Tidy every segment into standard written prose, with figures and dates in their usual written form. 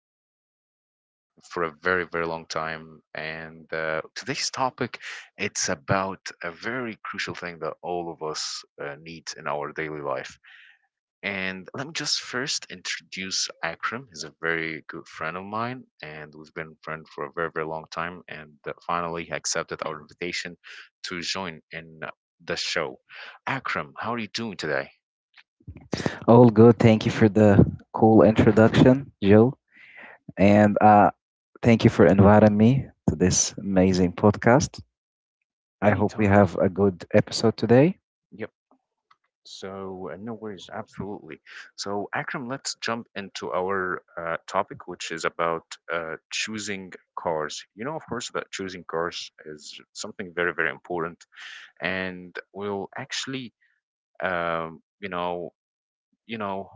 been waiting for a very, very long time. And today's topic, it's about a very crucial thing that all of us need in our daily life. And let me just first introduce Akram. He's a very good friend of mine, and we've been friends for a very, very long time. And finally, he accepted our invitation to join in the show. Akram, how are you doing today? All good. Thank you for the cool introduction, Joe. And Thank you for inviting me to this amazing podcast. I hope we Anytime. have a good episode today. Yep. So, no worries. Absolutely. So, Akram, let's jump into our topic, which is about choosing cars. You know, of course, that choosing cars is something very, very important, and we'll actually um, you know you know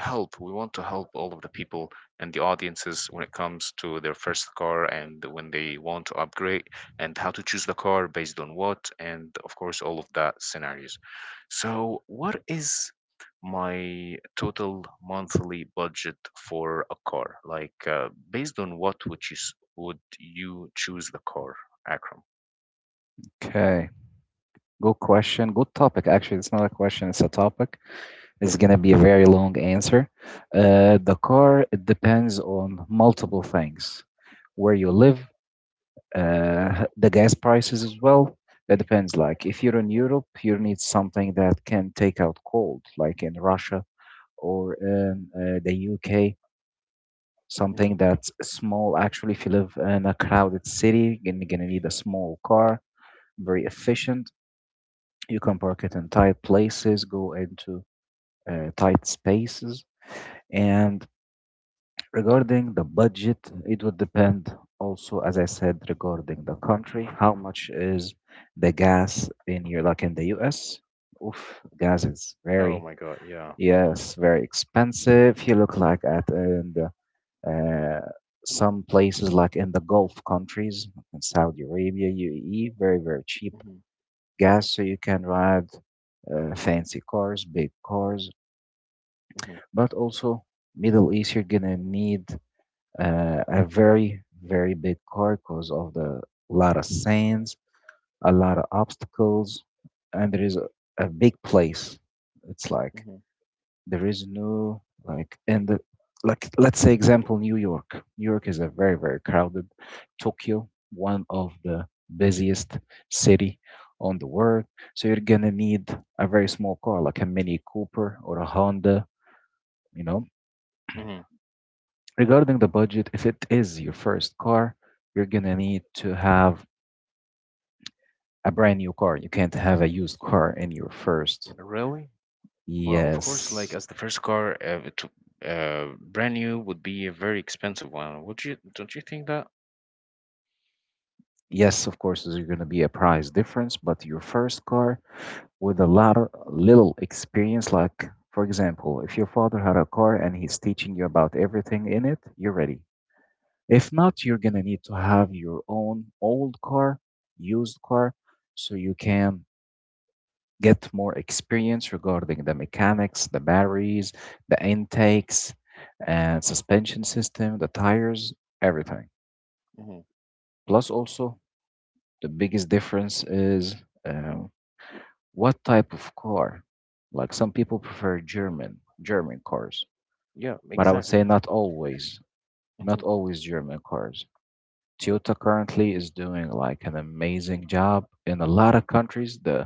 help we want to help all of the people and the audiences when it comes to their first car and when they want to upgrade, and how to choose the car based on what, and of course all of that scenarios. So what is my total monthly budget for a car? Like, based on what would would you choose the car, Akram? Okay. Good question. Good topic. Actually, it's not a question, it's a topic. It's going to be a very long answer. The car, it depends on multiple things. Where you live, the gas prices as well. That depends. Like, if you're in Europe, you need something that can take out cold, like in Russia or the UK, Hmm. something that's small. Actually, if you live in a crowded city, you're gonna need a small car, very efficient. You can park it in tight places, go into tight spaces. And regarding the budget, it would depend also, as I said, regarding the country, how much is the gas in here, like in the US? Oof, gas is Oh very, my God, yeah. yes, very expensive. You look like at and Uh, some places, like in the Gulf countries, like in Saudi Arabia, UAE, very, very cheap Hmm. gas, so you can ride fancy cars, big cars. Hmm. But also, Middle East, you're gonna need a very, very big car because of the lot of sands, a lot of obstacles, and there is a big place. It's like Hmm. there is no like in the like let's say example New York. New York is a very, very crowded. Tokyo, one of the busiest city on the world, so you're gonna need a very small car like a Mini Cooper or a Honda, you know. Hmm. Regarding the budget, if it is your first car, you're gonna need to have a brand new car. You can't have a used car in your first. Really? Well, of course, like Yes as the first car, brand new would be a very expensive one. Would you? Don't you think that? yes, of course there's gonna be a price difference, but your first car with a lot of little experience. Like, for example, if your father had a car and he's teaching you about everything in it, you're ready. If not, you're gonna need to have your own old car, used car, so you can get more experience regarding the mechanics, the batteries, the intakes, and suspension system, the tires, everything. Hmm. Plus, also, the biggest difference is. Uh, What type of car? Like some people prefer German cars, Yeah, but I would say exactly. not always, not Hmm. always German cars. Toyota currently is doing like an amazing job in a lot of countries.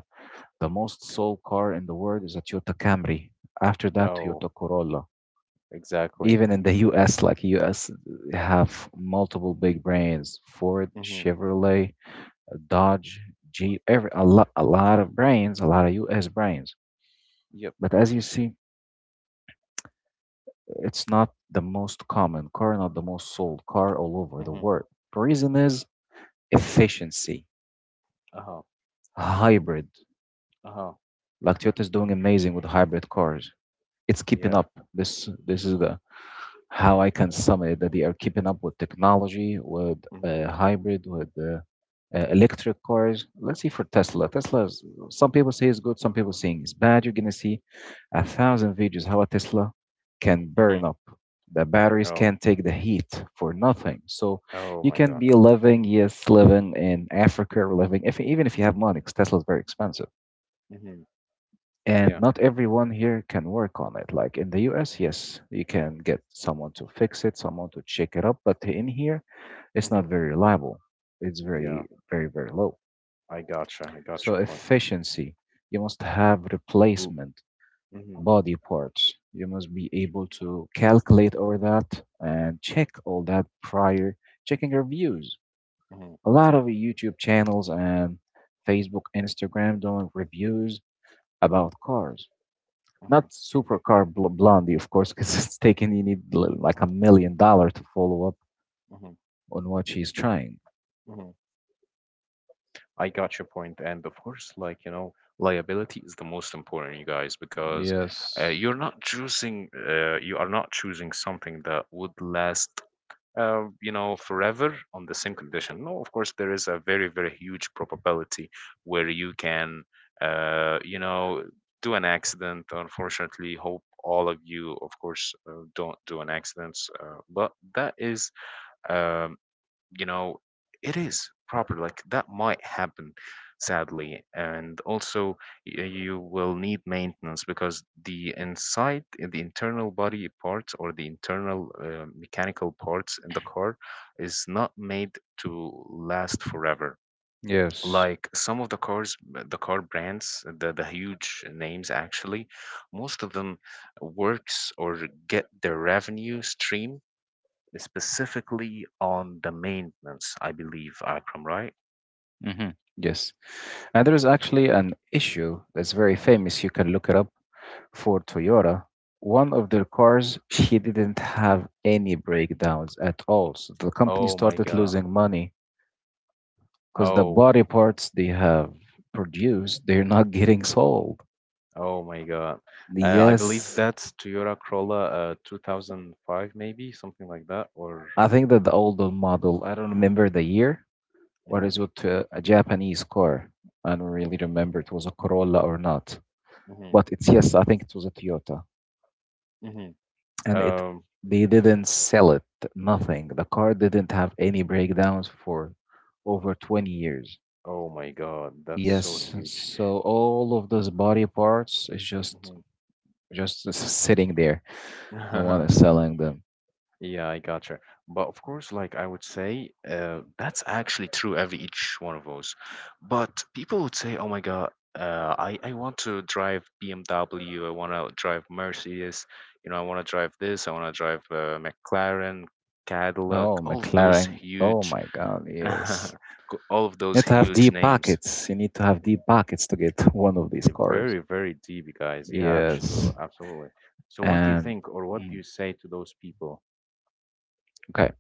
The most sold car in the world is a Toyota Camry. After that, Oh, Toyota Corolla. exactly. Even in the US, like US have multiple big brands, Ford, Hmm. Chevrolet, Dodge, Jeep, every a lot of brands, a lot of US brands. Yep. But as you see, it's not the most common car, not the most sold car all over the Hmm. world. The reason is efficiency, Uh-huh. hybrid. Uh-huh. Like Toyota is doing amazing with hybrid cars. It's keeping Yeah. up. This is the how I can sum it that they are keeping up with technology, with Hmm. Hybrid, with electric cars. Let's see for Tesla. Tesla, is, some people say it's good, some people saying it's bad. You're gonna see a thousand videos how a Tesla can Hmm. burn up. The batteries Oh. can take the heat for nothing. So Oh you my can God. be living, yes, living in Africa, or living if even if you have money, 'cause Tesla is very expensive Hmm. and Yeah. not everyone here can work on it. Like in the US, yes, you can get someone to fix it, someone to check it up, but in here, it's Hmm. not very reliable. It's Yeah, very, very, very low. I gotcha. I got So, your point. efficiency, you must have Hmm. Hmm. replacement Hmm. body parts. You must be able to calculate all that and check all that prior checking reviews. Hmm. A lot of YouTube channels and Facebook, Instagram doing reviews about cars. Hmm. Not Supercar Blondie, of course, because it's taken, you need like a $1 million to follow up Hmm. on what she's trying. Hmm. I got your point, and of course, like liability is the most important, you guys, because Yes. you're not choosing, you are not choosing something that would last, forever on the same condition. No, of course, there is a very, very huge probability where you can, uh, you know, do an accident. Unfortunately, hope all of you, of course, don't do an accident, but that is. um you know it is proper, like that might happen sadly. And also you will need maintenance because the inside, the internal body parts or the internal mechanical parts in the car is not made to last forever. Yes. Like some of the cars, the car brands, the huge names, actually most of them works or get their revenue stream specifically on the maintenance, I believe, Akram, right? Hmm. Yes. And there's actually an issue that's very famous. You can look it up for Toyota. One of their cars, she didn't have any breakdowns at all. So the company Oh my started God. losing money because the Oh. body parts they have produced, they're not getting sold. Oh my God. I believe Yes, that's Toyota Corolla 2005, maybe something like that, or I think that the older model, I don't remember the year, what mhm, is with a Japanese car. I don't really remember it was a Corolla or not. mhm, But it's yes, I think it was a Toyota. mhm. And it Um, they didn't sell it, nothing. The car didn't have any breakdowns for over 20 years. oh my God, that's so Yes, huge. so all of those body parts is Mhm. just sitting there. No one is selling them. Yeah, I gotcha. But of course, like I would say, that's actually true every each one of those. But people would say, "Oh my God, I want to drive BMW. I want to drive Mercedes. You know, I want to drive this. I want to drive McLaren, Cadillac. Oh, All of those McLaren. Oh huge," my God, yes. co- all of You those need to have huge deep names. pockets. You need to have deep pockets to get one of these They're cars. very, very deep, guys. Yeah, Yes. absolutely, absolutely. So, what do you And think, or what do mm, you say to those people? okay.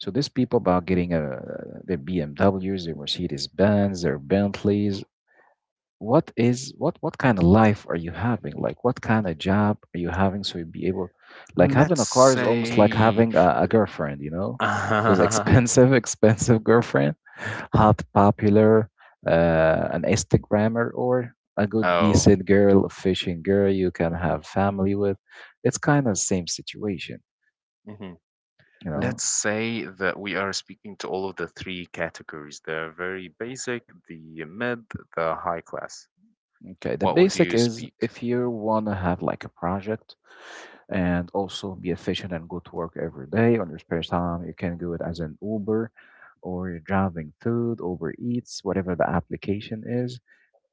So these people about getting their BMWs, their Mercedes Benz, their Bentleys, what kind of life are you having, like what kind of job are you having, so you'd be able. Like having Let's a car is almost like say. having a girlfriend, you know. There's expensive expensive girlfriend, hot, popular, an instagrammer, or a good Oh. decent girl, a fishing girl you can have family with. It's kind of the same situation, Mhm. you know. Let's say that we are speaking to all of the three categories, the very basic, the mid, the high class. Okay, the What would basic you is speak? if you Mhm. want to have like a project and also be efficient and go to work every day on your spare time. You can do it as an Uber or you're driving food, Uber Eats, whatever the application is.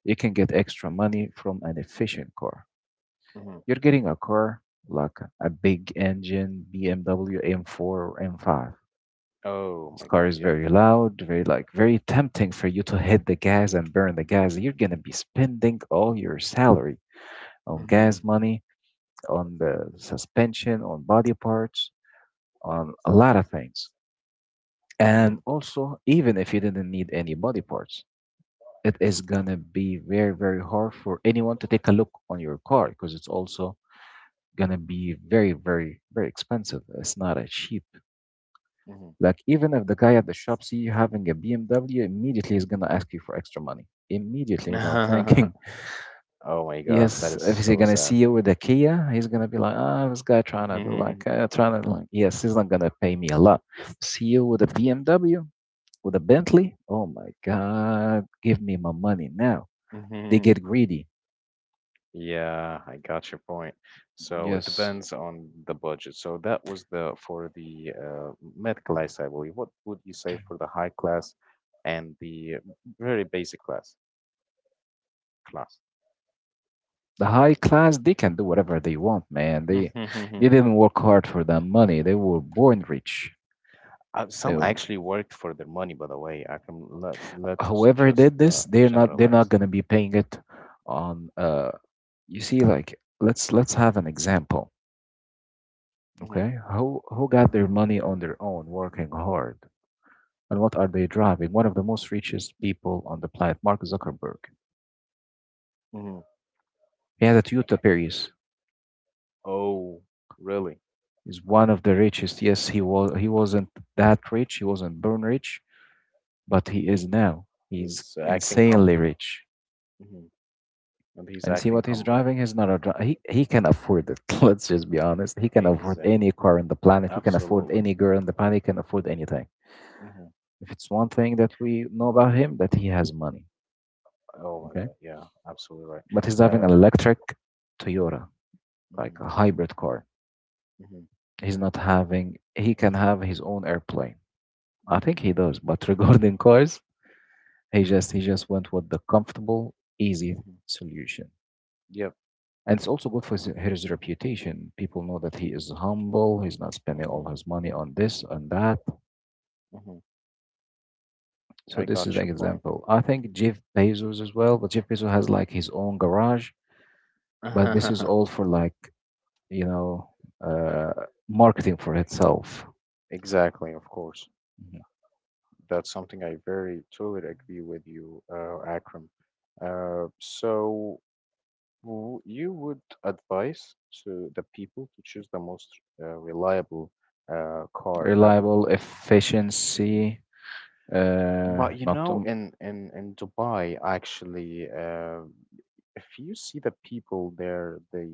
You can get extra money from an efficient car. Mhm. You're getting a car like a big engine BMW M4 or M5. Oh This my car God, is yeah. very loud, very like very tempting for you to hit the gas and burn the gas. You're gonna be spending all your salary on gas Hmm. money, on the suspension, on body parts, on a lot of things. And Hmm. also, even if you didn't need any body parts, it is gonna be very, very hard for anyone to take a look on your car because it's also gonna be very, very, very expensive. It's not a cheap. Like even if the guy at the shop see you having a BMW, immediately he's gonna ask you for extra money. Immediately without Hmm. thinking. Oh my God, that Yes, is if he's so gonna see sad. you with a Kia, he's gonna be like, ah, this guy trying to do like, Mhm, trying to like, yes, he's not gonna pay me a lot. See you with a BMW, with a Bentley? Oh my God, give me my money now. They mhm. get greedy. Yeah, I got your point. So it Yes. depends on the budget. So that was the for the med class, I believe. What would you say for the high class and the very basic class? The high class, they can do whatever they want, man. They Mhm. didn't work hard for that money. They were born rich. They, Some actually worked for their money, by the way. I can let let's whoever just did this, not they're not generalize. gonna be paying it on you see like let's have an example. Mhm, Okay? Who got their money on their own working hard? And what are they driving? One of the most richest people on the planet, Mark Zuckerberg. mhm. He has a Toyota Prius. Oh, really? Is one of the richest. Yes, he wasn't that rich, he wasn't born rich, but he is now. He's He's acting insanely humble. rich. Mhm. And he's And see acting what he's humble. driving? He's not a dri- he can Mm-hmm. afford it. Let's just be honest. He can afford Exactly. any car on the planet. He can afford Absolutely. any girl on the planet. He can afford anything. Hmm. If it's one thing that we know about him, that he has money. Oh my Okay, God. Yeah. Absolutely right. but he's driving Uh. an electric Hmm. Toyota, like Hmm. a hybrid car. Hmm. He's not having. He can have his own airplane. I Hmm. think he does. But regarding cars, he just went with the comfortable, easy Hmm. solution. Yep. And it's also good for his reputation. People know that he is humble. He's not spending Hmm. all his money on this and that. Hmm. So I this is got the your point. example. I think Jeff Bezos as well, but Jeff Bezos has like his own garage. But this is all for like you know uh, marketing for itself. Exactly. Of course. Mhm. That's something I very totally agree with you, Akram. So you would advise to the people to choose the most reliable car ever. Reliable Mm-hmm. efficiency, But you not know, in Dubai, actually, if you see the people there, the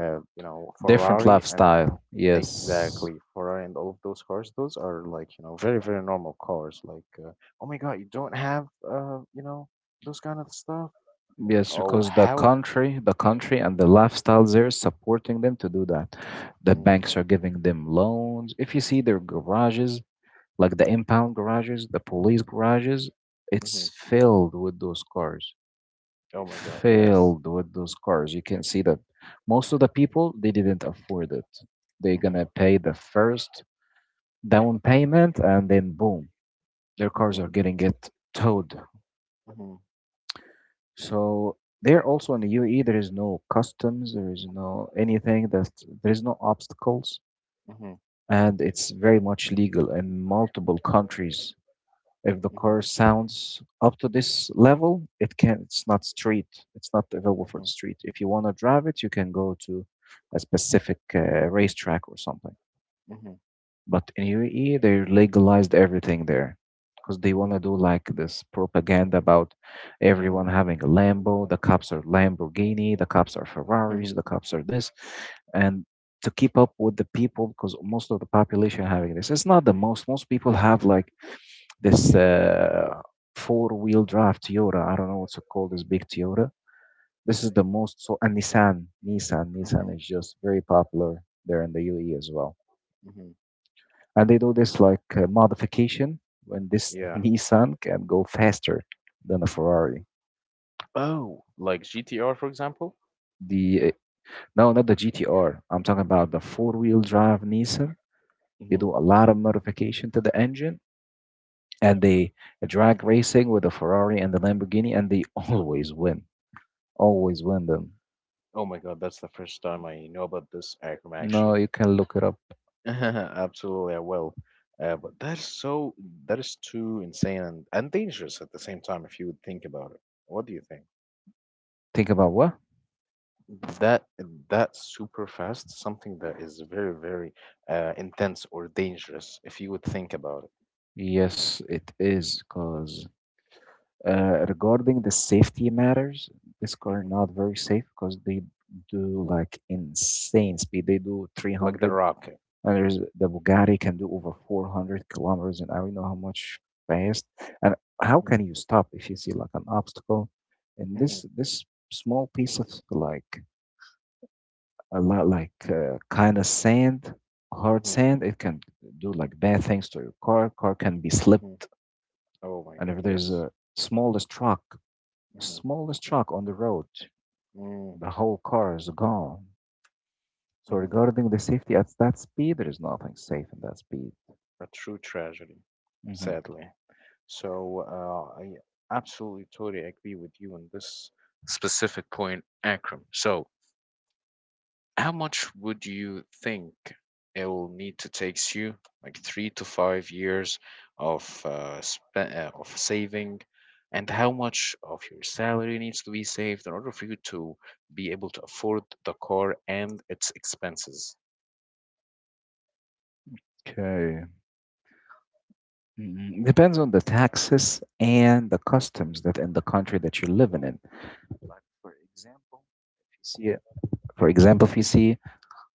different Ferrari and, lifestyle. Yes, exactly, Ferrari and all of those cars, those are like very, very normal cars. Like, oh my God, you don't have those kind of stuff. yes, Oh, because how? The country and the lifestyle there is supporting them to do that. The Mm-hmm, banks are giving them loans. If you see their garages, like the impound garages, the police garages, mm-hmm. it's filled with those cars. Oh my God, yes. Filled with those cars. You can see that most of the people they didn't afford it. They're Mm-hmm, gonna pay the first down payment and then boom, their cars mm-hmm, are getting it towed. mm-hmm, So there also in the UAE, there is no customs, there is no anything that there is no obstacles, mm-hmm, and it's very much legal in multiple countries. If the mm-hmm, car sounds up to this level, it's not street, it's not available for mm-hmm, the street. If you want to drive it, you can go to a specific racetrack or something. mm-hmm, But in UAE, they legalized everything there because they want mm-hmm, to do like this propaganda about everyone mm-hmm, having a Lambo. The cops are Lamborghini, the cops are Ferraris, mm-hmm, the cops are this, and to keep up with the people because most of the population having this. It's not the most. Most people have like this four-wheel drive Toyota. I don't know what's it called. This big Toyota. This is the most so and Nissan mm-hmm. is just very popular there in the UAE as well, Mm-hmm. and they do this like modification when this Yeah. Nissan can go faster than a Ferrari. Oh, like GTR, for example? The no, not the GTR. I'm talking about the four-wheel drive Nissan. They Hmm. do a lot of modification to the engine, and they drag racing with the Ferrari and the Lamborghini, and they always win. Always win them. Oh my God, that's the first time I know about this acronym No, actually. you can look it up. Absolutely, I will. But that is too insane and dangerous at the same time if you would think about it. What do you think? Think about what? That that super fast, something that is very, very intense or dangerous if you would think about Yes, it is because regarding the safety matters, this it. car Hmm. not very safe because they do like insane speed. They do Like the 300, rocket. The Bugatti can do over 400 kilometers an hour. You know how much fast, and how Hmm. can you stop if you see like an obstacle? And Hmm. this small piece of like a lot like kind of sand, hard Hmm. sand, it can do like bad things to your car. Car can be Hmm. slipped, Oh my and God, if there's yes. a smallest rock Hmm. smallest shock on the road, the whole car is gone. So Mm-hmm. regarding the safety at that speed, there is nothing safe in that speed. A true tragedy, Hmm sadly. So, I absolutely totally agree with you on this specific point, Akram. So, how much would you think it will need to takes you, like 3 to 5 years of of saving, and how much of your salary needs to be saved in order for you to be able to afford the car and its expenses? Okay. Mhm. Depends on the taxes and the customs that in the country that you're living in. Like for example, if you see, it- for example, if you see,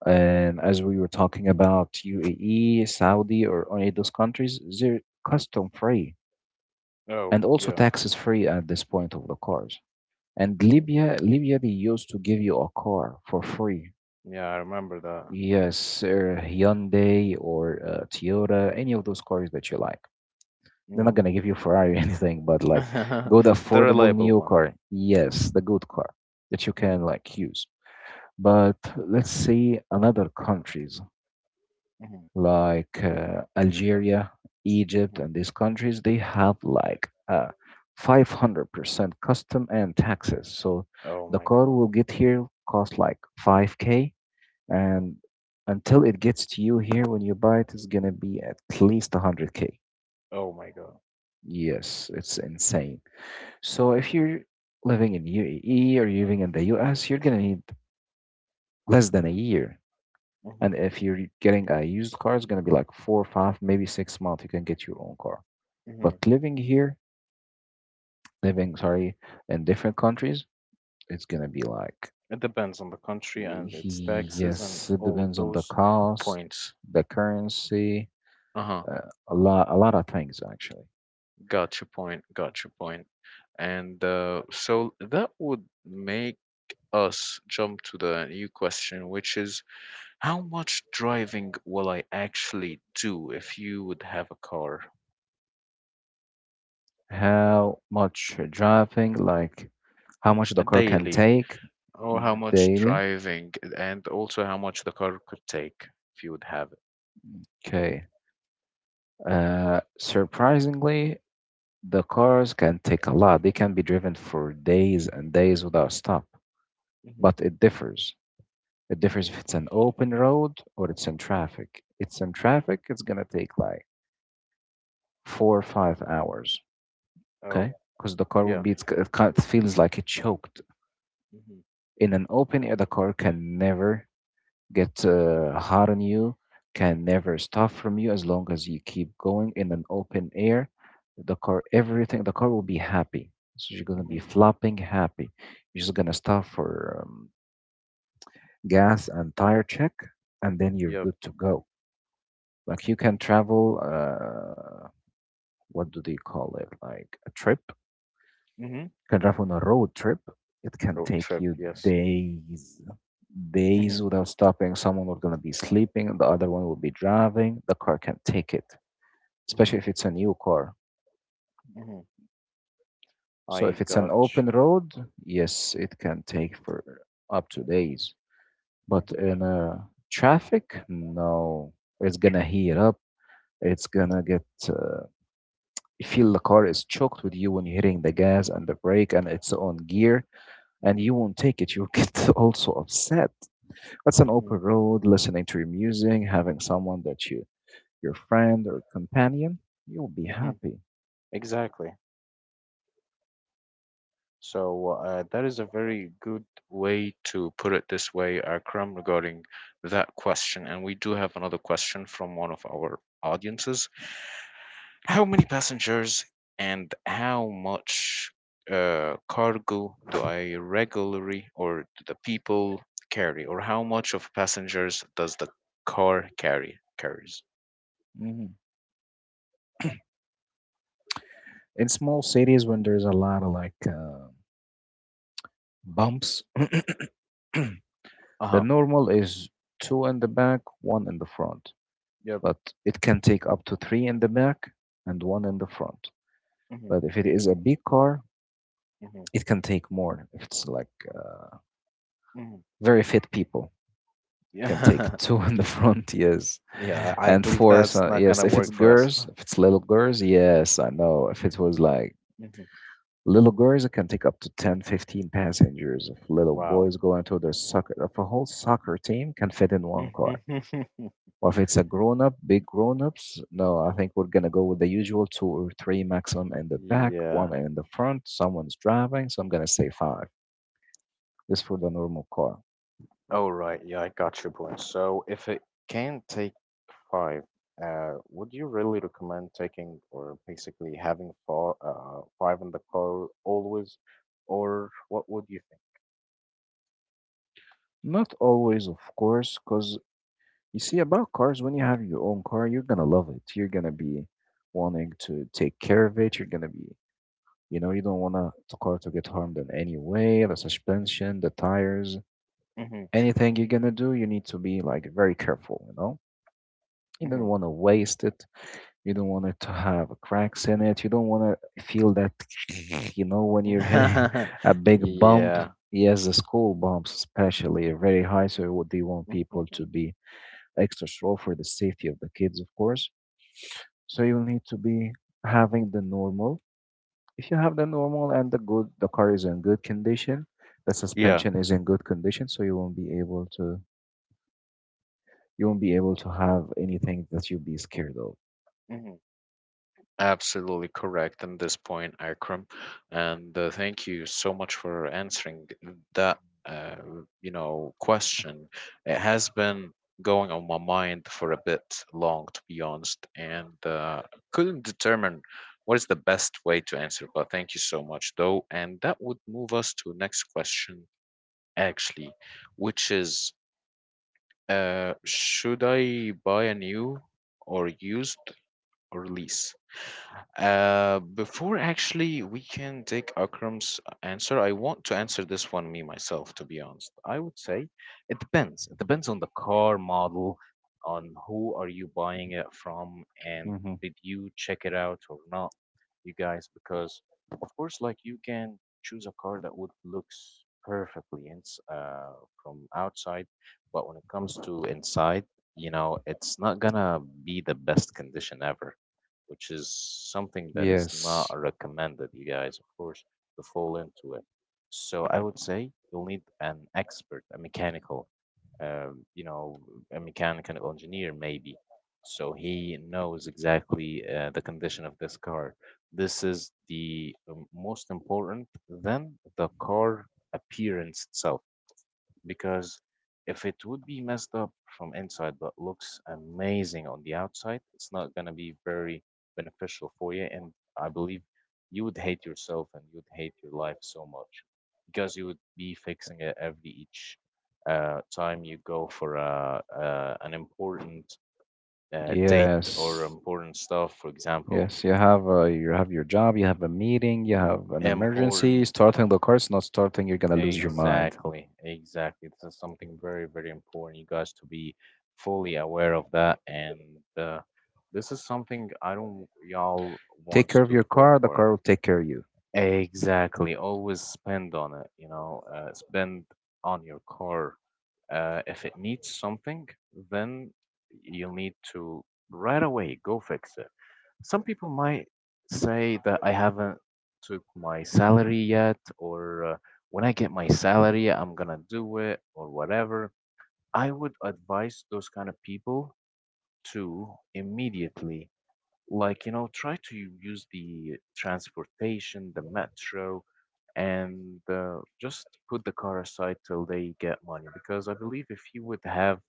and as we were talking about UAE, Saudi, or any of those countries, they're custom free Oh, and also yeah. taxes free at this point of the cars. And Hmm. Libya, they used to give you a car for free. Yeah, I remember that. Yes, or Hyundai or Toyota, any of those cars that you like. They're not gonna give you Ferrari or anything, but like go the The affordable reliable neo one. car. Yes, Mhm, the good car that you mhm, can like use. But let's say another countries mhm, like Algeria, Egypt, mhm. and these countries, they have like 500% custom and taxes. So Oh the my car God. will get here cost like 5K, Mhm. and until it gets to you here when you buy it, it's gonna be at least 100K. Oh my God. Yes, it's insane. So if you're living in UAE or you're living in the US, you're gonna need less than a year. And Mhm, if you're getting a used car, it's gonna be like four, 5, maybe 6 months. You can get your own car. But mhm. living here, living, sorry, in different countries, it's gonna be like, It depends on the country eh, and its taxes and yes, it all of depends on the those costs, points. the currency, Uh huh. A lot of things actually. Got your point. Got your point. And so that would make us jump to the new question, which is how much driving will I actually do if you would have a car? How much driving, like how much the A car can daily. take Or how much daily. driving, and also how much the car could take if you would have it. Okay. Surprisingly, the cars can take a lot. They can be driven for days and days without stop, Hmm. but it differs. It differs if it's an open road or it's in traffic. It's in traffic, it's gonna take like 4 or 5 hours, Oh, okay? Because the car will yeah. be, it's, it kind of feels like it choked. Hmm. In an open air, the car can never get hot on you, can never stop from you as long as you keep going. In an open air, the car will be happy. So you're gonna be Hmm. flopping happy. You're just gonna stop for gas and tire check, and then you're Yep. good to go. Like you can travel, what do they call it? Like a trip. You Hmm. can travel on a road trip. It can Road take trip, you yes. days, Hmm. days without stopping. Someone will gonna be sleeping, the other one will be driving. The car can take it, especially Hmm. if it's a new car. Hmm. So if I it's an got open road, yes, it can take for up to days. you. But Hmm. in a traffic, no, it's gonna heat up. It's gonna get you feel the car is choked with you when you're hitting the gas and the brake and it's on gear and Hmm. you won't take it. You'll get also upset. That's an Hmm. open road, listening to your music, having someone that you, your friend or companion, you'll be Hmm. happy. Exactly. So that is a very good way to put it this way, Akram, regarding that question. And we do have another question from one of our audiences. How many passengers and how much cargo do I regularly, or do the people carry, or how much of passengers does the car carry carries? Mhm. In small cities, when there's a lot of like bumps, Uh the huh. normal is two in the back, one in the front, Yep. but it can take up to three in the back and one in the front. Hmm. But if it is a big car, Hmm. it can take more. If it's like Hmm. very fit people, can Yeah. take two in the front, yes, Yeah, I and believe four. that's So not yes, gonna if it's work for us. girls, if it's little girls, yes, I know. If it was like Hmm. little girls, it can take up to 10, 15 passengers. If little Wow. boys go into their soccer, if a whole soccer team can fit in one car. Or if it's a grown up, big grown ups, no, I think we're gonna go with the usual two or three maximum in the Mhm. back, one Yeah. in the front, someone's driving, so I'm gonna say five. This for the normal car. Oh, right. Yeah, I got your point. So if it can take five, would you really recommend taking or basically having four, five in the car always, or what would you Not always, of course, because you see, about cars, when you have your own car, you're gonna love it. You're gonna be wanting to take care of it. You're gonna be, you know, you don't want a- the car to get harmed in any way, the suspension, the tires, think? anything you're gonna do, you need to be like very careful, you know? You don't Mm-hmm, want to waste it. You don't want it to have cracks in it. You don't want to feel that, you know, when you're hitting mm-hmm. a big bump. Yeah. Yes, the school bumps, especially, are very high. So, what do you want people Hmm. to be extra slow for the safety of the kids, of course? So, you'll need to be having the normal. If you have the normal and the good, the car is in good condition, the Yeah. suspension is in good condition, so you won't be able to have anything that you'll be scared of. Absolutely correct on this point, Akram. And thank you so much for answering that, uh, question. It has been going on my mind for a bit long, to be honest, and couldn't determine what is the best way to answer. But thank you so much, though. And that would move us to next question, actually, which is, should I buy a new or used or lease? Before actually we can take Akram's answer, I want to answer this one me myself, to be honest. I would say it depends. It depends on the car model, on who are you buying it from, and Hmm did you check it out or not, you guys? Because of course, like you can choose a car that would looks perfectly ins from outside, but when it comes to inside, you know, it's not gonna be the best condition ever, which is something that is not Yes. recommended, you guys, of course, to fall into it. So I would say you'll need an expert, a mechanical, um, you know, a mechanical engineer maybe. So he knows exactly the condition of this car. This is the most important than the car appearance itself because if it would be messed up from inside but looks amazing on the outside, it's not going to be very beneficial for you. And I believe you would hate yourself and you would hate your life so much because you would be fixing it every each time you go for an important date or Yes. important stuff, for example. Yes, you have a, you have your job, you have a meeting, you have an emergency. Important Starting the car is not starting, you're gonna lose your mind. Exactly, exactly. This is something very, very important. You guys to be fully aware of that, and uh, this is something I don't y'all Take wants care of to your fall car, the for. car will take care of you. Exactly. Always spend on it, you know, spend on your car. If it needs something, then you'll need to right away go fix it. Some people might say that I haven't took my salary yet, or when I get my salary, I'm gonna do it, or whatever. I would advise those kind of people to immediately like try to use the transportation the metro and just put the car aside till they get money because I believe if you would have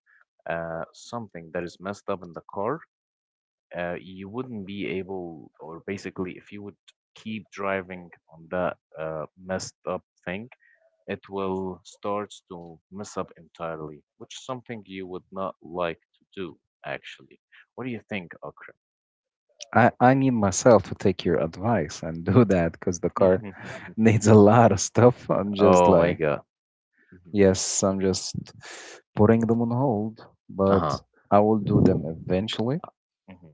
something that is messed up in the car you wouldn't be able or basically if you would keep driving on that messed up thing it will start to mess up entirely, which is something you would not like to do actually. What do you think, I need myself to take your advice and do that because the car Akram? needs a lot of stuff. I'm just Oh my like, God. Mhm. yes, I'm just putting them on hold, but Uh-huh. I will do them eventually. Mhm.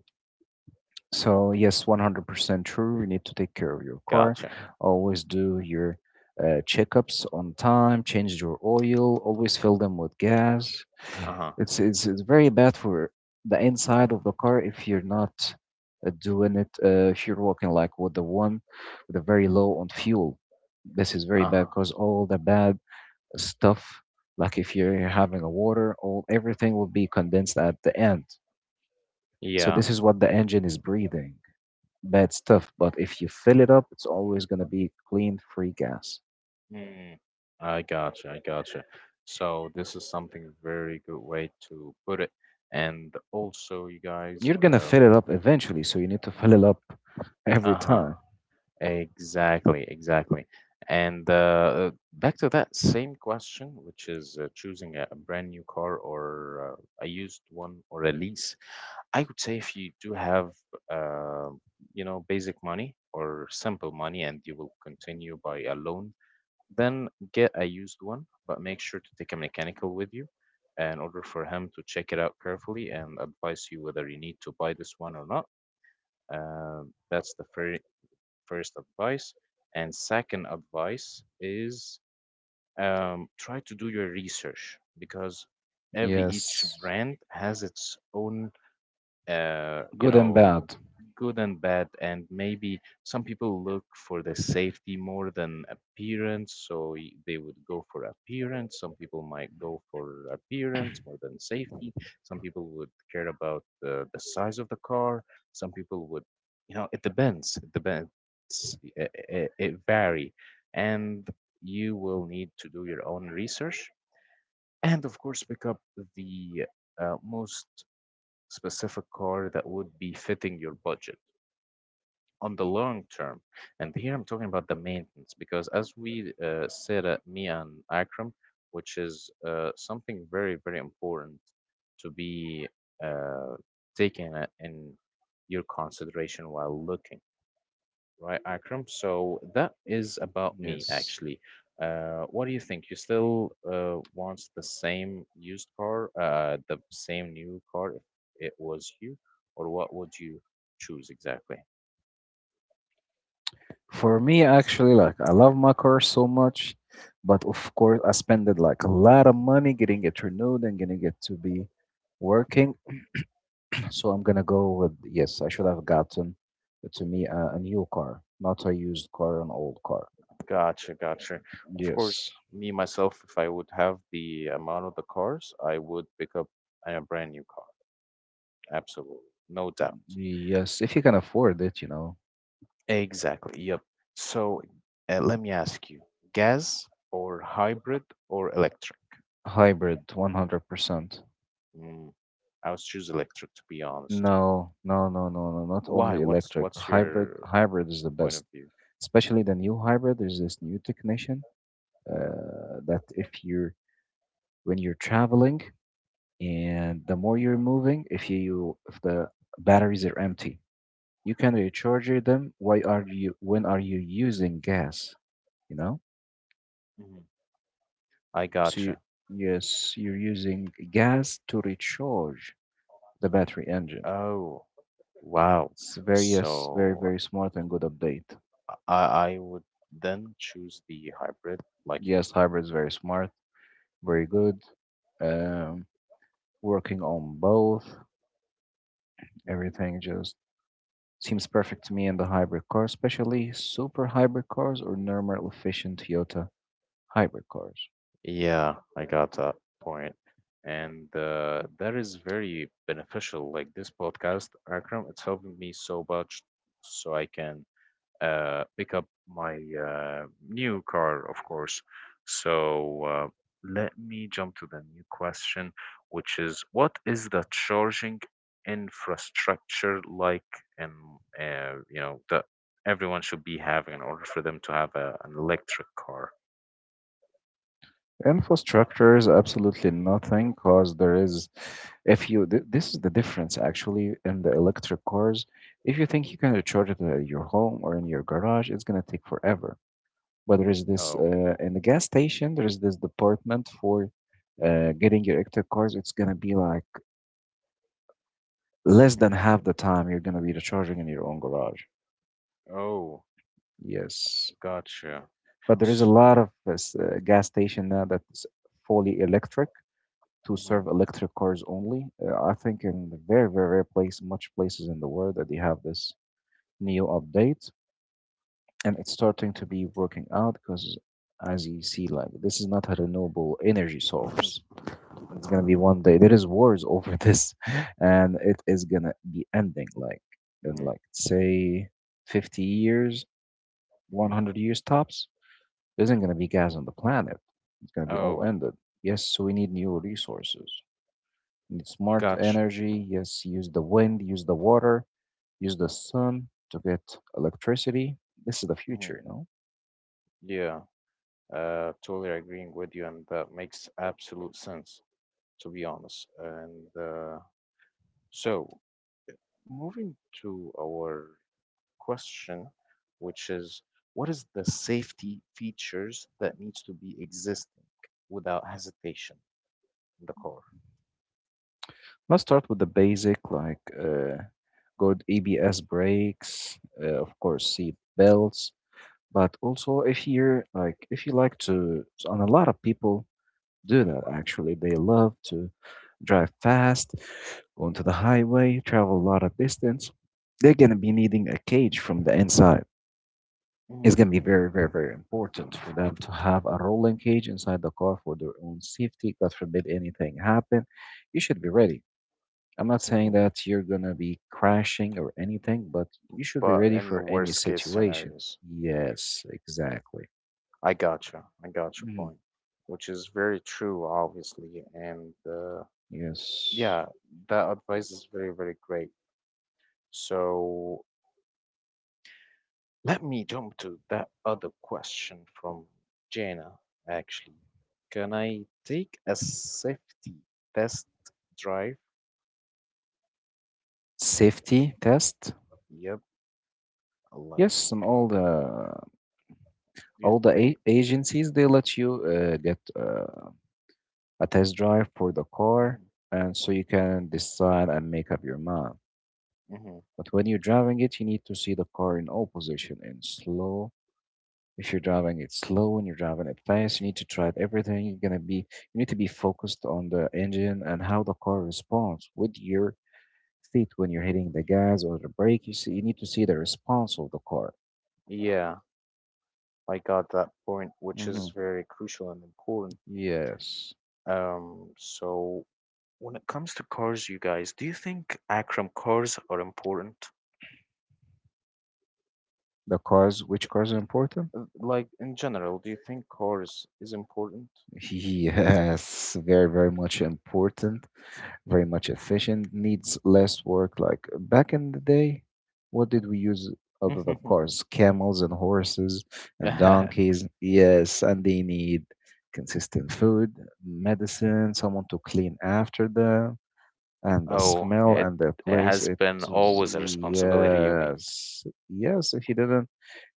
So yes, 100% true. You need to take care of your car. Gotcha. Always do your checkups on time. Change your oil. Always fill them with gas. Uh-huh. It's very bad for the inside of the car if you're not doing it. If you're walking like with the one with a very low on fuel, this is very bad Uh-huh. because all the bad stuff, like if you're having a water, all everything will be condensed at the end. So Yeah. this is what the engine is breathing bad stuff. But if you fill it up, it's always going to be clean, free gas. Mm. I gotcha. I gotcha. So this is something very good way to put it. And also, you guys, You're going to fill it up eventually, so you need to fill it up every uh-huh, time. exactly, exactly. And back to that same question, which is choosing a brand new car or a used one or a lease. I would say if you do have, uh, basic money or simple money and you will continue by a loan, then get a used one, but make sure to take a mechanical with you in order for him to check it out carefully and advise you whether you need to buy this one or not. Uh, that's the first advice. And second advice is try to do your research because every each Yes, brand has its own, uh, you good and know bad. good and bad, and maybe some people look for the safety more than appearance, so they would go for appearance. Some people might go for appearance more than safety. Some people would care about the size of the car. Some people would, it depends, it depends. It vary, and you will need to do your own research and of course pick up the most specific car that would be fitting your budget on the long term. And here I'm talking about the maintenance because, as we said, me and Akram, which is something very, very important to be uh, taken in your consideration while looking, right, Akram? So that is about me, Yes, actually. What do you think? You still want the same used car, the same new car if it was you, or what would you choose exactly? for me, actually, like I love my car so much, but of course I spend it like a lot of money getting it renewed and getting it to be working. So I'm gonna go with yes, I should have gotten to me a new car, not a used car, an old car. Gotcha, gotcha. Of Yes, course, me myself, if I would have the amount of the cars, I would pick up a brand new car. Absolutely, no doubt. yes, if you can afford it, you know, Exactly. Yep. So, let me ask you, gas or hybrid or electric? hybrid, 100%. Mm, I would choose electric to be honest. No, no, no, no, no, not Why? only What's electric. what's your Hybrid is the point best, of view? especially the new hybrid. There's this new technician that if you're when you're traveling and the more you're moving if the batteries are empty, you can recharge them. Why are you when are you using gas, you know? Mhm. I So you, gotcha. yes, you're using gas to recharge the battery engine. Oh, wow. It's very yes very So very smart and good update. I would then choose the hybrid like you. Yes hybrid is very smart very Mhm, good, um, working on both mhm. everything just seems perfect to me in the hybrid car, especially super hybrid cars or normal efficient Toyota hybrid cars. Yeah, I got that point. And that is very beneficial. Like this podcast, Akram, it's helping me so much so I can pick up my new car, of course. So let me jump to the new question, which is what is the charging infrastructure like in, that everyone should be having in order for them to have an electric car? Infrastructure is absolutely nothing because if you, this is the difference actually in the electric cars. If you think you can charge it at your home or in your garage, it's going to take forever. But there is this, Oh. In the gas station, there is this department for getting your electric cars. It's going to be like less Hmm. than half the time you're going to be recharging in your own garage. Oh, Yes. gotcha. But there is a S- lot of gas station now that's fully electric to mhm, serve electric cars only. I think in the very, very, very place, much places in the world that they have this new update, and it's starting to be working out because, as you see, like this is not a renewable energy mhm, source. It's gonna be one day there is wars over this, and it is gonna be ending like in mhm, like say 50 years, one mhm. hundred years tops. There isn't going to be gas on the planet. It's going to be all Oh, ended. Yes, so we need new resources. We need smart gotcha. energy. Yes, use the wind, use the water, use the sun to get electricity. This is the Hmm. future. Yeah, totally agreeing with you, and that makes absolute sense, to be honest. And so, moving to our question, which is what is the safety features that needs to be existing without hesitation in the car? Let's start with the basic, like good ABS brakes, of course, seat belts. But also, if you like to, and a lot of people do that actually. They love to drive fast, go onto the highway, travel a lot of distance. They're going to be needing a cage from the inside. It's Hmm. going to be very, very, very important for them to have a rolling cage inside the car for their own safety. God forbid anything happen. You should be ready. I'm not saying Hmm. that you're going to be crashing or anything, but you should be But ready in for any worst case situation. scenarios. Yes, exactly. I gotcha. I got your Mhm. point, which is very true, obviously. And Yes. yeah, that advice is very, very great. So let me jump to that other question from Jana, actually. Can I take a safety test drive? Safety test. Yep, like, Yes, and all uh, the do you all the think? a agencies they let you get a test drive for the car, Mhm, and so you can decide and make up your mind. mhm. But when you're driving it, you need to see the car in all position and slow. If you're driving it slow and you're driving it fast, you need to try it everything. You need to be focused on the engine and how the car responds with your feet when you're hitting the gas or the brake. You see, you need to see the response of the car. Yeah, I got that point, which Hmm. is very crucial and important. Yes. So, when it comes to cars, you guys, do you think, Akram, cars are important? The cars, which cars are important? Like in general, do you think cars is important? Yes, very, very much important, very much efficient, needs less work. Like back in the day, what did we use other than cars? Camels and horses and donkeys. Yes, and they need consistent food, medicine, someone to clean after them, and the Oh, smell it and the it place. has It been was, always a responsibility, you mean? yes, yes, if you didn't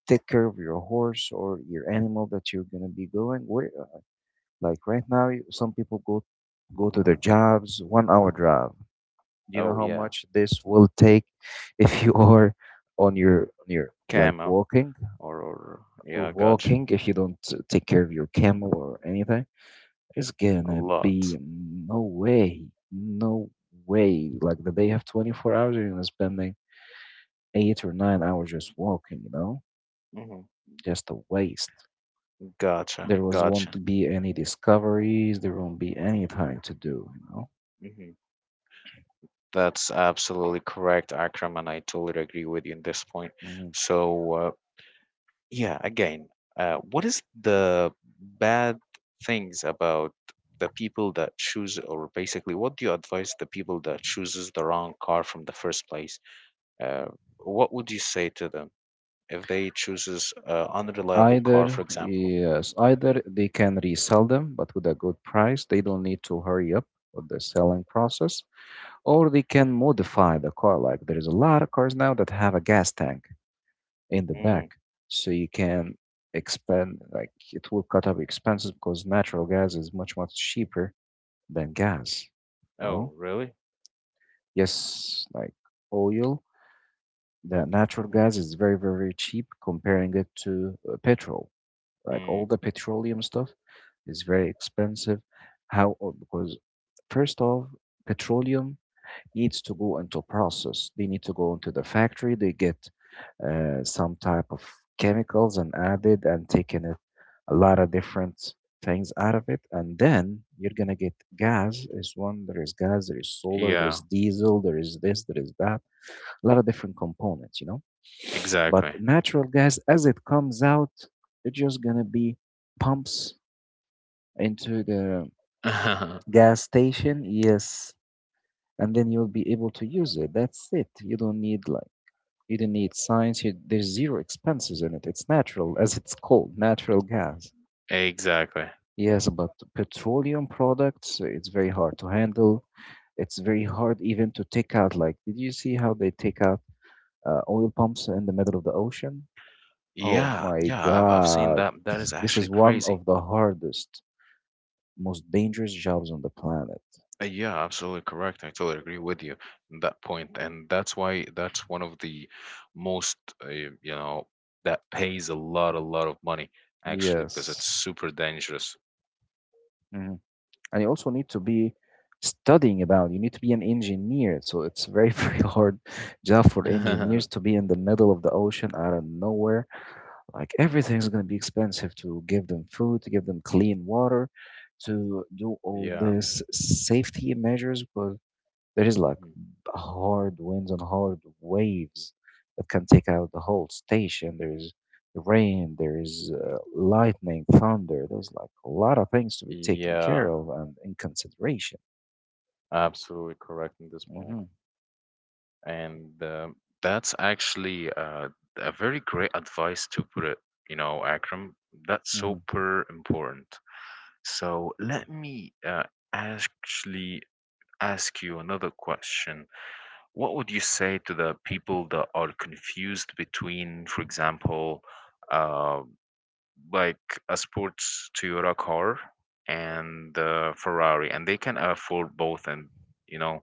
take care of your horse or your animal that you're gonna be going. Like right now, some people go to their jobs, 1 hour drive. Do you know Oh how yeah, much this will take if you are on your like camo walking or or yeah, gotcha. walking if you don't take care of your camel or anything? It's A gonna be lot. no way, no way. Like the day have 24 hours, you're gonna spending 8 or 9 hours just walking. Hmm. Just a waste. Gotcha, There was gotcha. won't be any discoveries. There won't be anything to do. Hmm. That's absolutely correct, Akram, and I totally agree with you in this point. Mhm. So, yeah, again, what is the bad things about the people that choose, or basically, what do you advise the people that chooses the wrong car from the first place? Uh, what would you say to them if they chooses a unreliable car, for Either example? yes, either they can resell them, but with a good price. They don't need to hurry up with the selling process, or they can modify the car. Like there is a lot of cars now that have a gas tank in the back, Mm. so you can expand. Like it will cut up expenses because natural gas is much much cheaper than gas. No. Oh, really? Yes, like oil. The natural Mm-hmm. gas is very, very, very cheap comparing it to petrol. Like all Mm. the petroleum stuff is very expensive. How? Oh, because first off, petroleum needs to go into process. They need to go into the factory. They get some type of chemicals and added and taken it a lot of different things out of it, and then you're gonna get gas is one, there is gas, there is solar, there Yeah, is diesel, there is this, there is that, a lot of different components. But exactly. natural gas, as it comes out, it's just gonna be pumps into the gas station, yes, and then you'll be able to use it. That's it. You don't need science. There's zero expenses in it. It's natural, as it's called, natural gas. Exactly. Yes, but petroleum products, it's very hard to handle. It's very hard even to take out. Like, did you see how they take out oil pumps in the middle of the ocean? Oh Yeah, my yeah, I've seen God. that. That is This actually is one crazy. of the hardest, most dangerous jobs on the planet. Yeah, absolutely correct. I totally agree with you on that point, and that's why that's one of the most, uh, you know that pays a lot of money actually because it's Yes. super dangerous. Mhm. And you also need to be you need to be an engineer. So it's very, very hard job for engineers to be in the middle of the ocean out of nowhere. Like everything's going to be expensive to give them food, to give them clean water, to do all Yeah. this safety measures because there is like Mhm. hard winds and hard waves that can take out the whole station. There is rain, there is lightning, thunder. There's like a lot of things to be taken care Yeah, of and in consideration. absolutely correct in this point, Hmm. and that's actually a very great advice to put it. You know, Akram, that's Hmm. super important. So let me actually ask you another question. What would you say to the people that are confused between, for example, uh, like a sports Toyota car and Ferrari, and they can afford both, and you know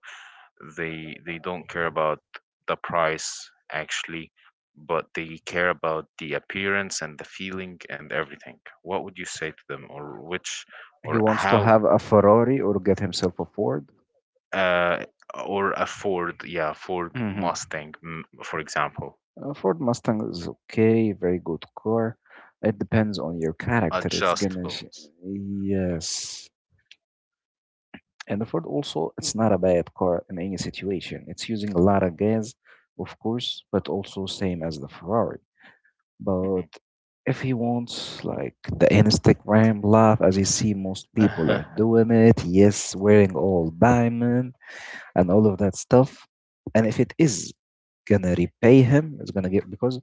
they don't care about the price actually, but they care about the appearance and the feeling and everything. What would you say to them, or which, He or wants to how? have a Ferrari or get himself a Ford. uh, or a Ford, yeah, Ford Hmm. Mustang, for example, A Ford Mustang is okay, very good car. It depends on your character. Adjustables. Yes. And the Ford also, it's not a bad car in any situation. It's using a lot of gas, of course, but also same as the Ferrari. But Mhm. if he wants like the Instagram life, as you see most people are doing it, yes, wearing all diamond and all of that stuff. And if it is gonna repay him, it's gonna get because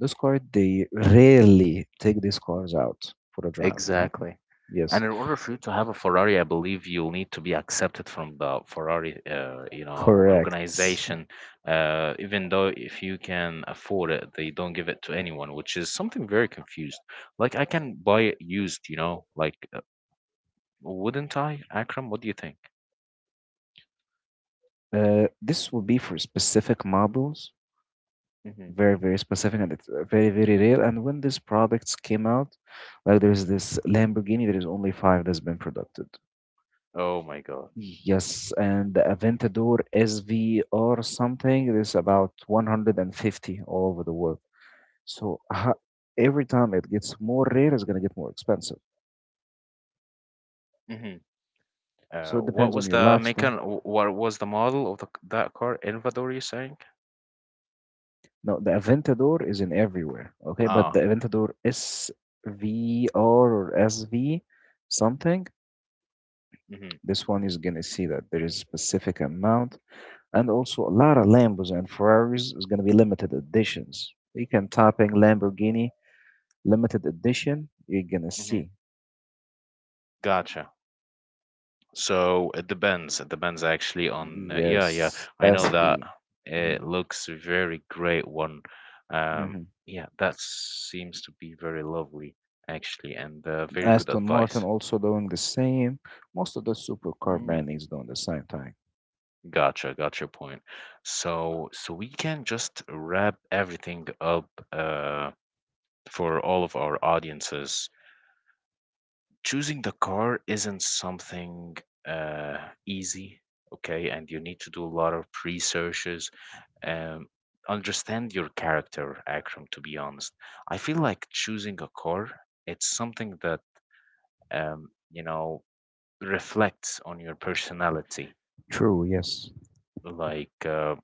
those cars they rarely take these cars out for a drive, you know? Exactly. Yes, And in order for you to have a Ferrari, I believe you'll need to be accepted from the Ferrari, correct. organization. Even though if you can afford it, they don't give it to anyone, which is something very confused. Like I can buy it used, like, wouldn't I, Akram? What do you think? This will be for specific models, Mhm. very, very specific, and it's very, very rare. And when these products came out, like there's this Lamborghini, there is only five that's been produced. Oh my God. Yes, and the Aventador SV or something, there's about 150 all over the world. So every time it gets more rare, it's going to get more expensive. So it What depends on was your the lifestyle. mechan? What was the model of that car? Elvador, you're saying? No, the Aventador is in everywhere, okay? But the Ah, Aventador SVR or SV something, mm-hmm, this one is gonna see that there is specific amount, and also a lot of Lambos and Ferraris is gonna be limited editions. You can type in Lamborghini limited edition, you're gonna mm-hmm. see. Gotcha. So it depends. It depends actually on. Yeah, yeah. Yes, I know that SV. it Mhm, looks very great. One. Um. mhm. Yeah, that seems to be very lovely actually, and very good Aston Martin advice. also doing the same. Most of the supercar Mm, branding is doing the same thing. gotcha, got your point. So, we can just wrap everything up for all of our audiences. Choosing the car isn't something uh, easy, okay? And you need to do a lot of researches, um, understand your character, Akram, to be honest. I feel like choosing a car, it's something that, um, you know, reflects on your personality. True, yes. Like,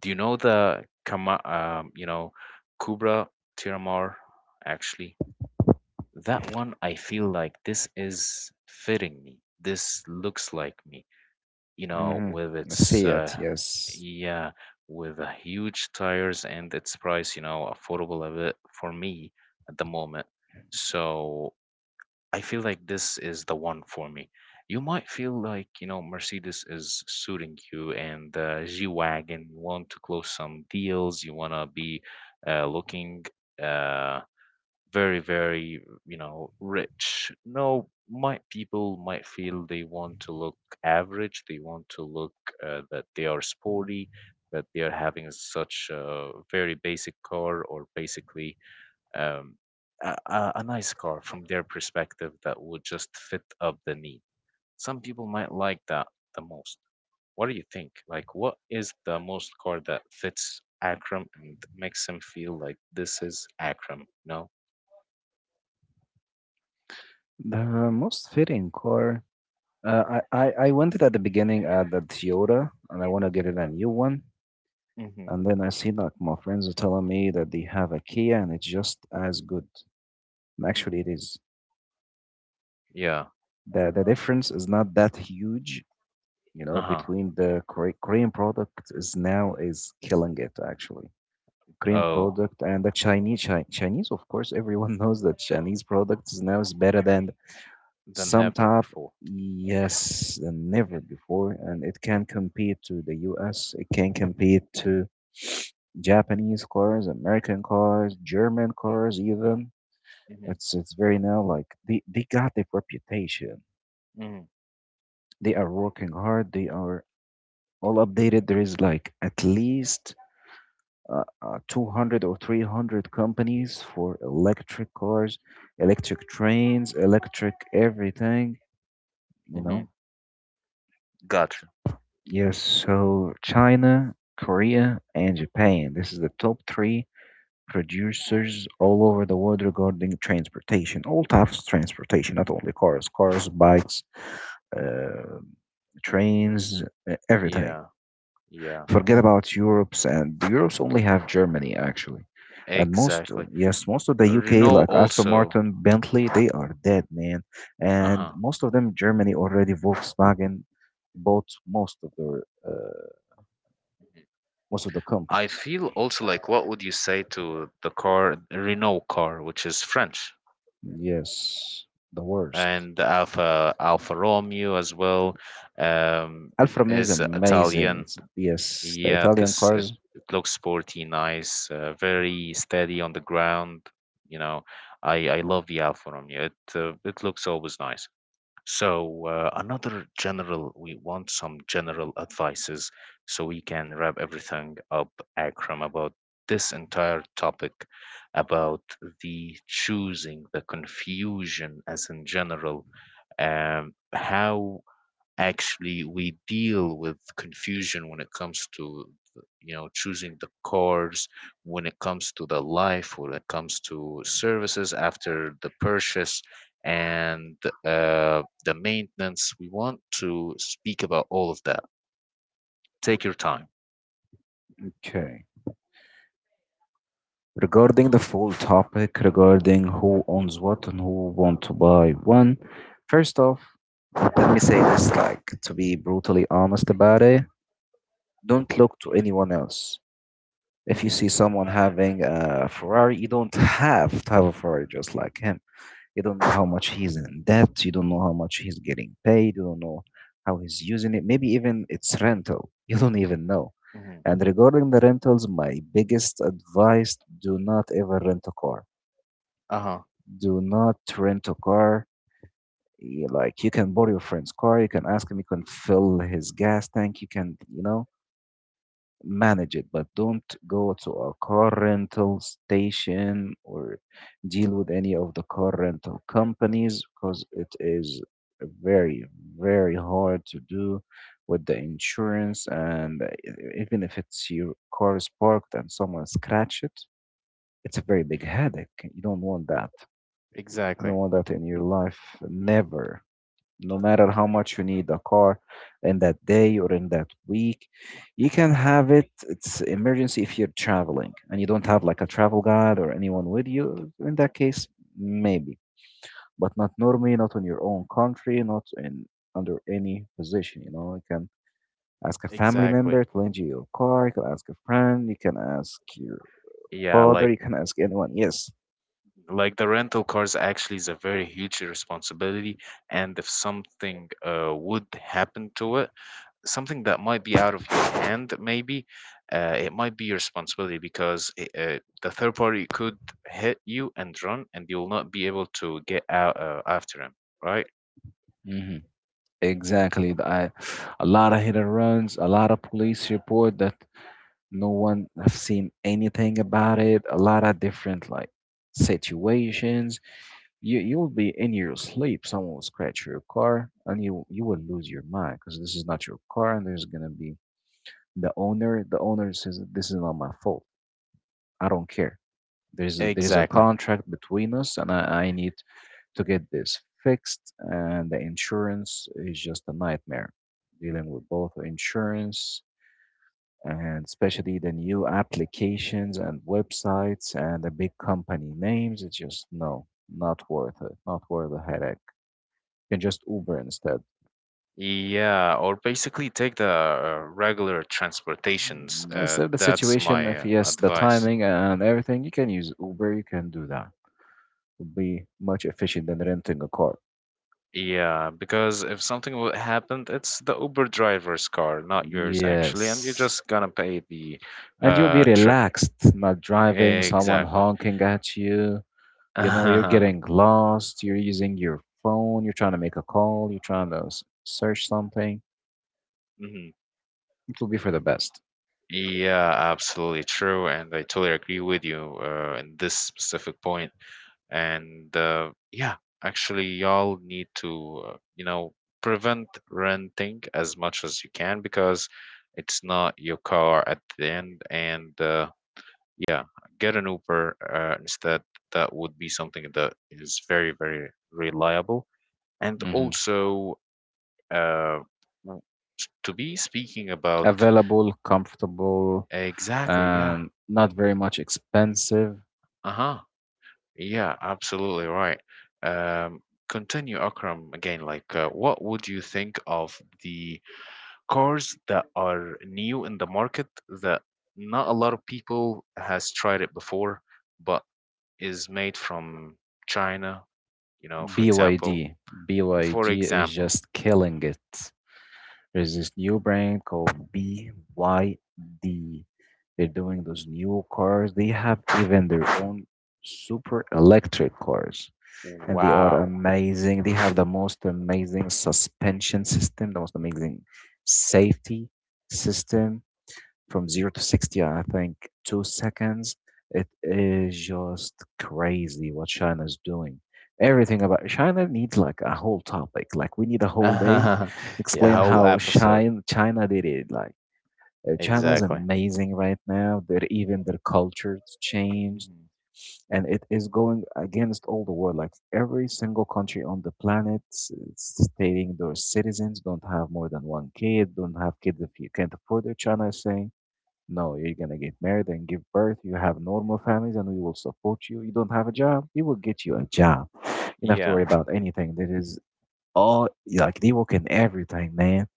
do you know the Kama, Kubra Tiramar, actually? That one, I feel like this is fitting me. This looks like me, Hmm. with its, See it, yes. yeah, with the huge tires and its price, affordable a bit for me at the moment. So I feel like this is the one for me. You might feel like Mercedes is suiting you, and the G wagon. You want to close some deals. You wanna be looking. Uh, Very very, rich, no. Might people might feel they want to look average, they want to look, that they are sporty, that they are having such a very basic car, or basically, um, a nice car from their perspective that would just fit up the need. Some people might like that the most. What do you think? Like, what is the most car that fits Akram and makes him feel like this is Akram, no. The most fitting car. Uh, I wanted at the beginning at the Toyota, and I want to get it a new one. Mm-hmm. And then I see like my friends are telling me that they have a Kia, and it's just as good. And actually, it is. Yeah. The difference is not that huge, Uh-huh. between the Korean product is now is killing it actually. Korean Oh, product and the Chinese, of course, everyone knows that Chinese product is now is better than than some ever type, before. yes, than never before, and it can compete to the us, it can compete to Japanese cars, American cars, German cars even. Mm-hmm. It's very now like they got their reputation. Mm-hmm. They are working hard. They are all updated. There is like at least 200 or 300 companies for electric cars, electric trains, electric everything you Mm-hmm. know Gotcha. Yes, so China, Korea, and Japan. This is the top three producers all over the world regarding transportation, all types of transportation, not only cars, cars, bikes, uh, trains, everything. Yeah. Yeah. Forget about Europe's, and Europe's only have Germany actually, and most Exactly. yes, most of the You UK know, like Aston also, Martin, Bentley, they are dead, man, and uh-huh. most of them Germany already Volkswagen bought most of their. Most of the I companies. feel also like, what would you say to the car, Renault car, which is French, Yes, the worst. and Alfa Romeo as well, um, Alfa Romeo is is amazing. Italian. It's, yes, the Yeah, Italian this it, cars. it looks sporty, nice, very steady on the ground. You know, I love the Alfa Romeo. It looks always nice. So another general, we want some general advices so we can wrap everything up, Akram, about this entire topic, about the choosing, the confusion, as in general, how actually we deal with confusion when it comes to, choosing the cars, when it comes to the life, when it comes to services after the purchase, and the maintenance. We want to speak about all of that. Take your time. Okay. Regarding the full topic, regarding who owns what and who want to buy when, first off, let me say this, like to be brutally honest about it, don't look to anyone else. If you Mhm, see someone having a Ferrari, you don't have to have a Ferrari just like him. You don't know how much he's in debt. You don't know how much he's getting paid. You don't know how he's using it. Maybe even it's rental. You don't even know. mhm. And regarding the rentals, my biggest advice do not ever rent a car. Uh-huh. Do not rent a car. Like you can borrow your friend's car, you can ask him, you can fill his gas tank, you can, you know, manage it, but don't go to a car rental station or deal with any of the car rental companies because it is very, very hard to do with the insurance. Even if it's your car is parked and someone scratch it, it's a very big headache. You don't want that. You Exactly. don't want that in your life. Never, no matter how much you need a car in that day or in that week, you can have it. It's emergency if you're traveling and you don't have like a travel guide or anyone with you. In that case, maybe. But not normally, not in your own country, not in under any position, you know. You can ask a family Exactly. member to lend you your car, you can ask a friend, you can ask your Yeah, father, like you can ask anyone. Yes. like the rental cars actually is a very huge responsibility, and if something would happen to it, something that might be out of your hand maybe, it might be your responsibility because the third party could hit you and run and you will not be able to get out after him, right? Hmm. Exactly. A lot of hit and runs, a lot of police report that no one have seen anything about it. A lot of different like situations. You'll be in your sleep. Someone will scratch your car, and you will lose your mind because this is not your car, and there's gonna be the owner. The owner says this is not my fault. I don't care. There's a Exactly. contract between us, and I need to get this fixed, and the insurance is just a nightmare dealing with both insurance, and especially the new applications and websites and the big company names. It's just no, not worth it, not worth the headache. You can just Uber instead. Yeah, or basically take the regular transportations. Mm, instead, the That's situation, my if yes, the advice. timing and everything, you can use Uber, you can do that. Would be much efficient than renting a car. Yeah, because if something happened, it's the Uber driver's car, not yours actually, and you're Yes. just gonna pay the And you'll be trip. relaxed, not driving, someone Exactly. honking at you. You know, you're getting lost, you're using your phone, you're trying to make a call, you're trying to search something. Mhm. It will be for the best. Yeah, absolutely true, and I totally agree with you in this specific point. And yeah, actually y'all need to, prevent renting as much as you can because it's not your car at the end. And yeah, get an uber instead. That would be something that is very very reliable. And Hmm. also uh, w- to be speaking about, Available, comfortable, exactly, yeah, and not very much expensive. uh-huh. Yeah, absolutely right. Um, continue, Akram, again. Like, what would you think of the cars that are new in the market that not a lot of people has tried it before, but is made from China? You know, for example, BYD. for BYD is example. just killing it. There's this new brand called BYD. They're doing those new cars. They have even their own super electric cars. And they are Wow. amazing. They have the most amazing suspension system, the most amazing safety system. From zero to 60, I think, 2 seconds. It is just crazy what China is doing. Everything about China needs like a whole topic. Like we need a whole day Yeah, explain whole how episode. China did it. Like, China's Exactly. amazing right now. Their even their culture changed, Mhm. and it is going against all the world. Like every single country on the planet stating their citizens don't have more than one kid, don't have kids if you can't afford it. China is saying, no, you're gonna get married and give birth. You have normal families, and we will support you. You don't have a job, we will get you a job. You don't have to Yeah, worry about anything. That is all. Like they work in everything, man.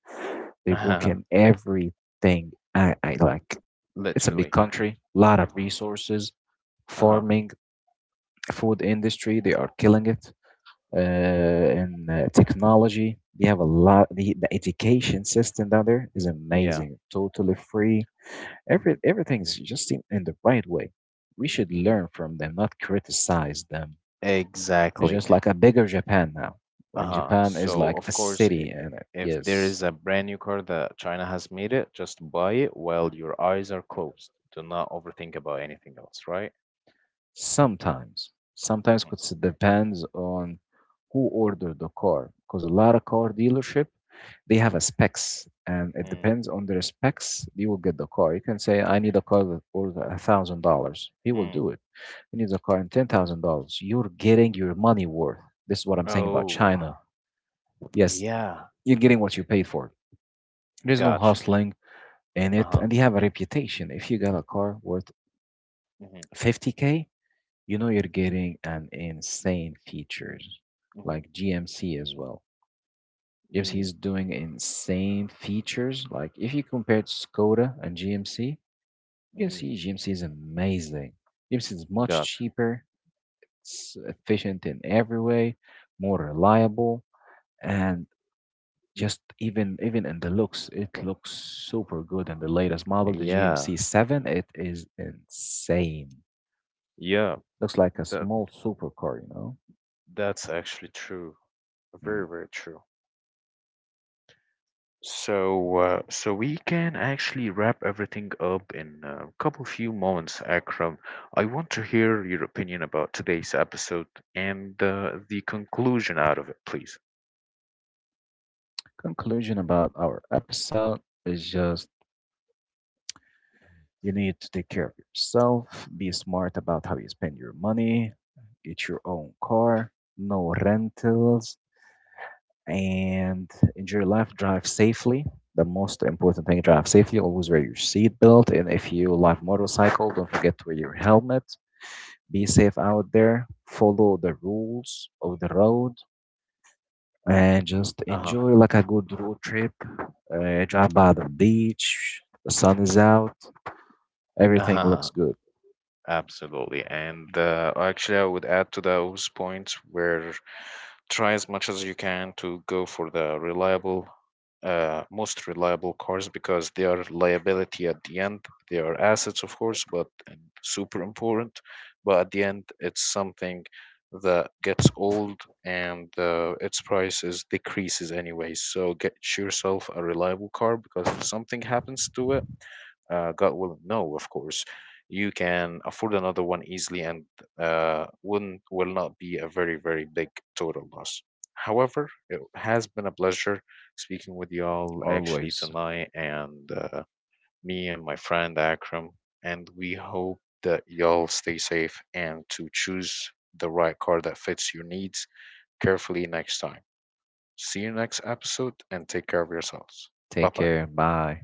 They work in everything. I like, it's a big literally. country, lot of resources, Uh-huh. farming, food industry, they are killing it. In, technology, they have a lot. The education system down there is Yeah. amazing, totally free. Hmm. Everything's just in the right way. We should Hmm. learn from them, not criticize them. It's Exactly. just like a bigger Japan now. Like Uh-huh. Japan is So like a of course, city. And if there yes. is a brand new car that China has made it, just buy it while your eyes are closed. Do not overthink about anything else, right? Sometimes, sometimes Hmm. it depends on who ordered the car, because a lot of car dealership, they have a specs, and it Mm. depends on their specs you will get the car. You can say I need a car that worth $1,000, he will Mm. do it. He needs a car in $10,000, you're getting your money worth. This is what I'm saying about Oh, China. Yes. yeah. You're getting what you paid for. There's no Gotcha. hustling in it, Uh-huh. and they have a reputation. If you got a car worth Hmm. 50K, you know you're getting an insane features. Hmm. Like GMC as well. GMC Mm. is doing insane features. Like if you compare Skoda and GMC, you can Mm. see GMC is amazing. GMC is much Gotcha. cheaper, it's efficient in every way, more reliable, and just even in the looks, it looks super good. And the latest model, the GMC Yeah. 7, it is insane. Yeah. Looks like a That small supercar, you know. that's actually true. Mm-hmm. Very, very true. So, we can actually wrap everything up in a couple few moments, Akram. I want to hear your opinion about today's episode and the conclusion out of it, please. Conclusion about our episode is just you need to take care of yourself, be smart about how you spend your money, get your own car, no rentals, and enjoy life, drive safely. The most important thing, drive safely, always wear your seatbelt, and if you live motorcycle, don't forget to wear your helmet. Be safe out there, follow the rules of the road, and just Uh enjoy like a good road trip. Drive by the beach, the sun is out, everything huh. looks good Absolutely. And actually, I would add to those points where try as much as you can to go for the reliable, most reliable cars because they are liability at the end. They are assets, of course, but and super important. But at the end, it's something that gets old and its prices decreases anyway. So get yourself a reliable car because if something happens to it, God will know, of course you can afford another one easily and, wouldn't, will not be a very, very big total loss. However, it has been a pleasure speaking with y'all actually always. tonight, and me and my friend Akram, and we hope that y'all stay safe and to choose the right car that fits your needs carefully next time. See you next episode and take care of yourselves. Bye Take bye. care. Bye.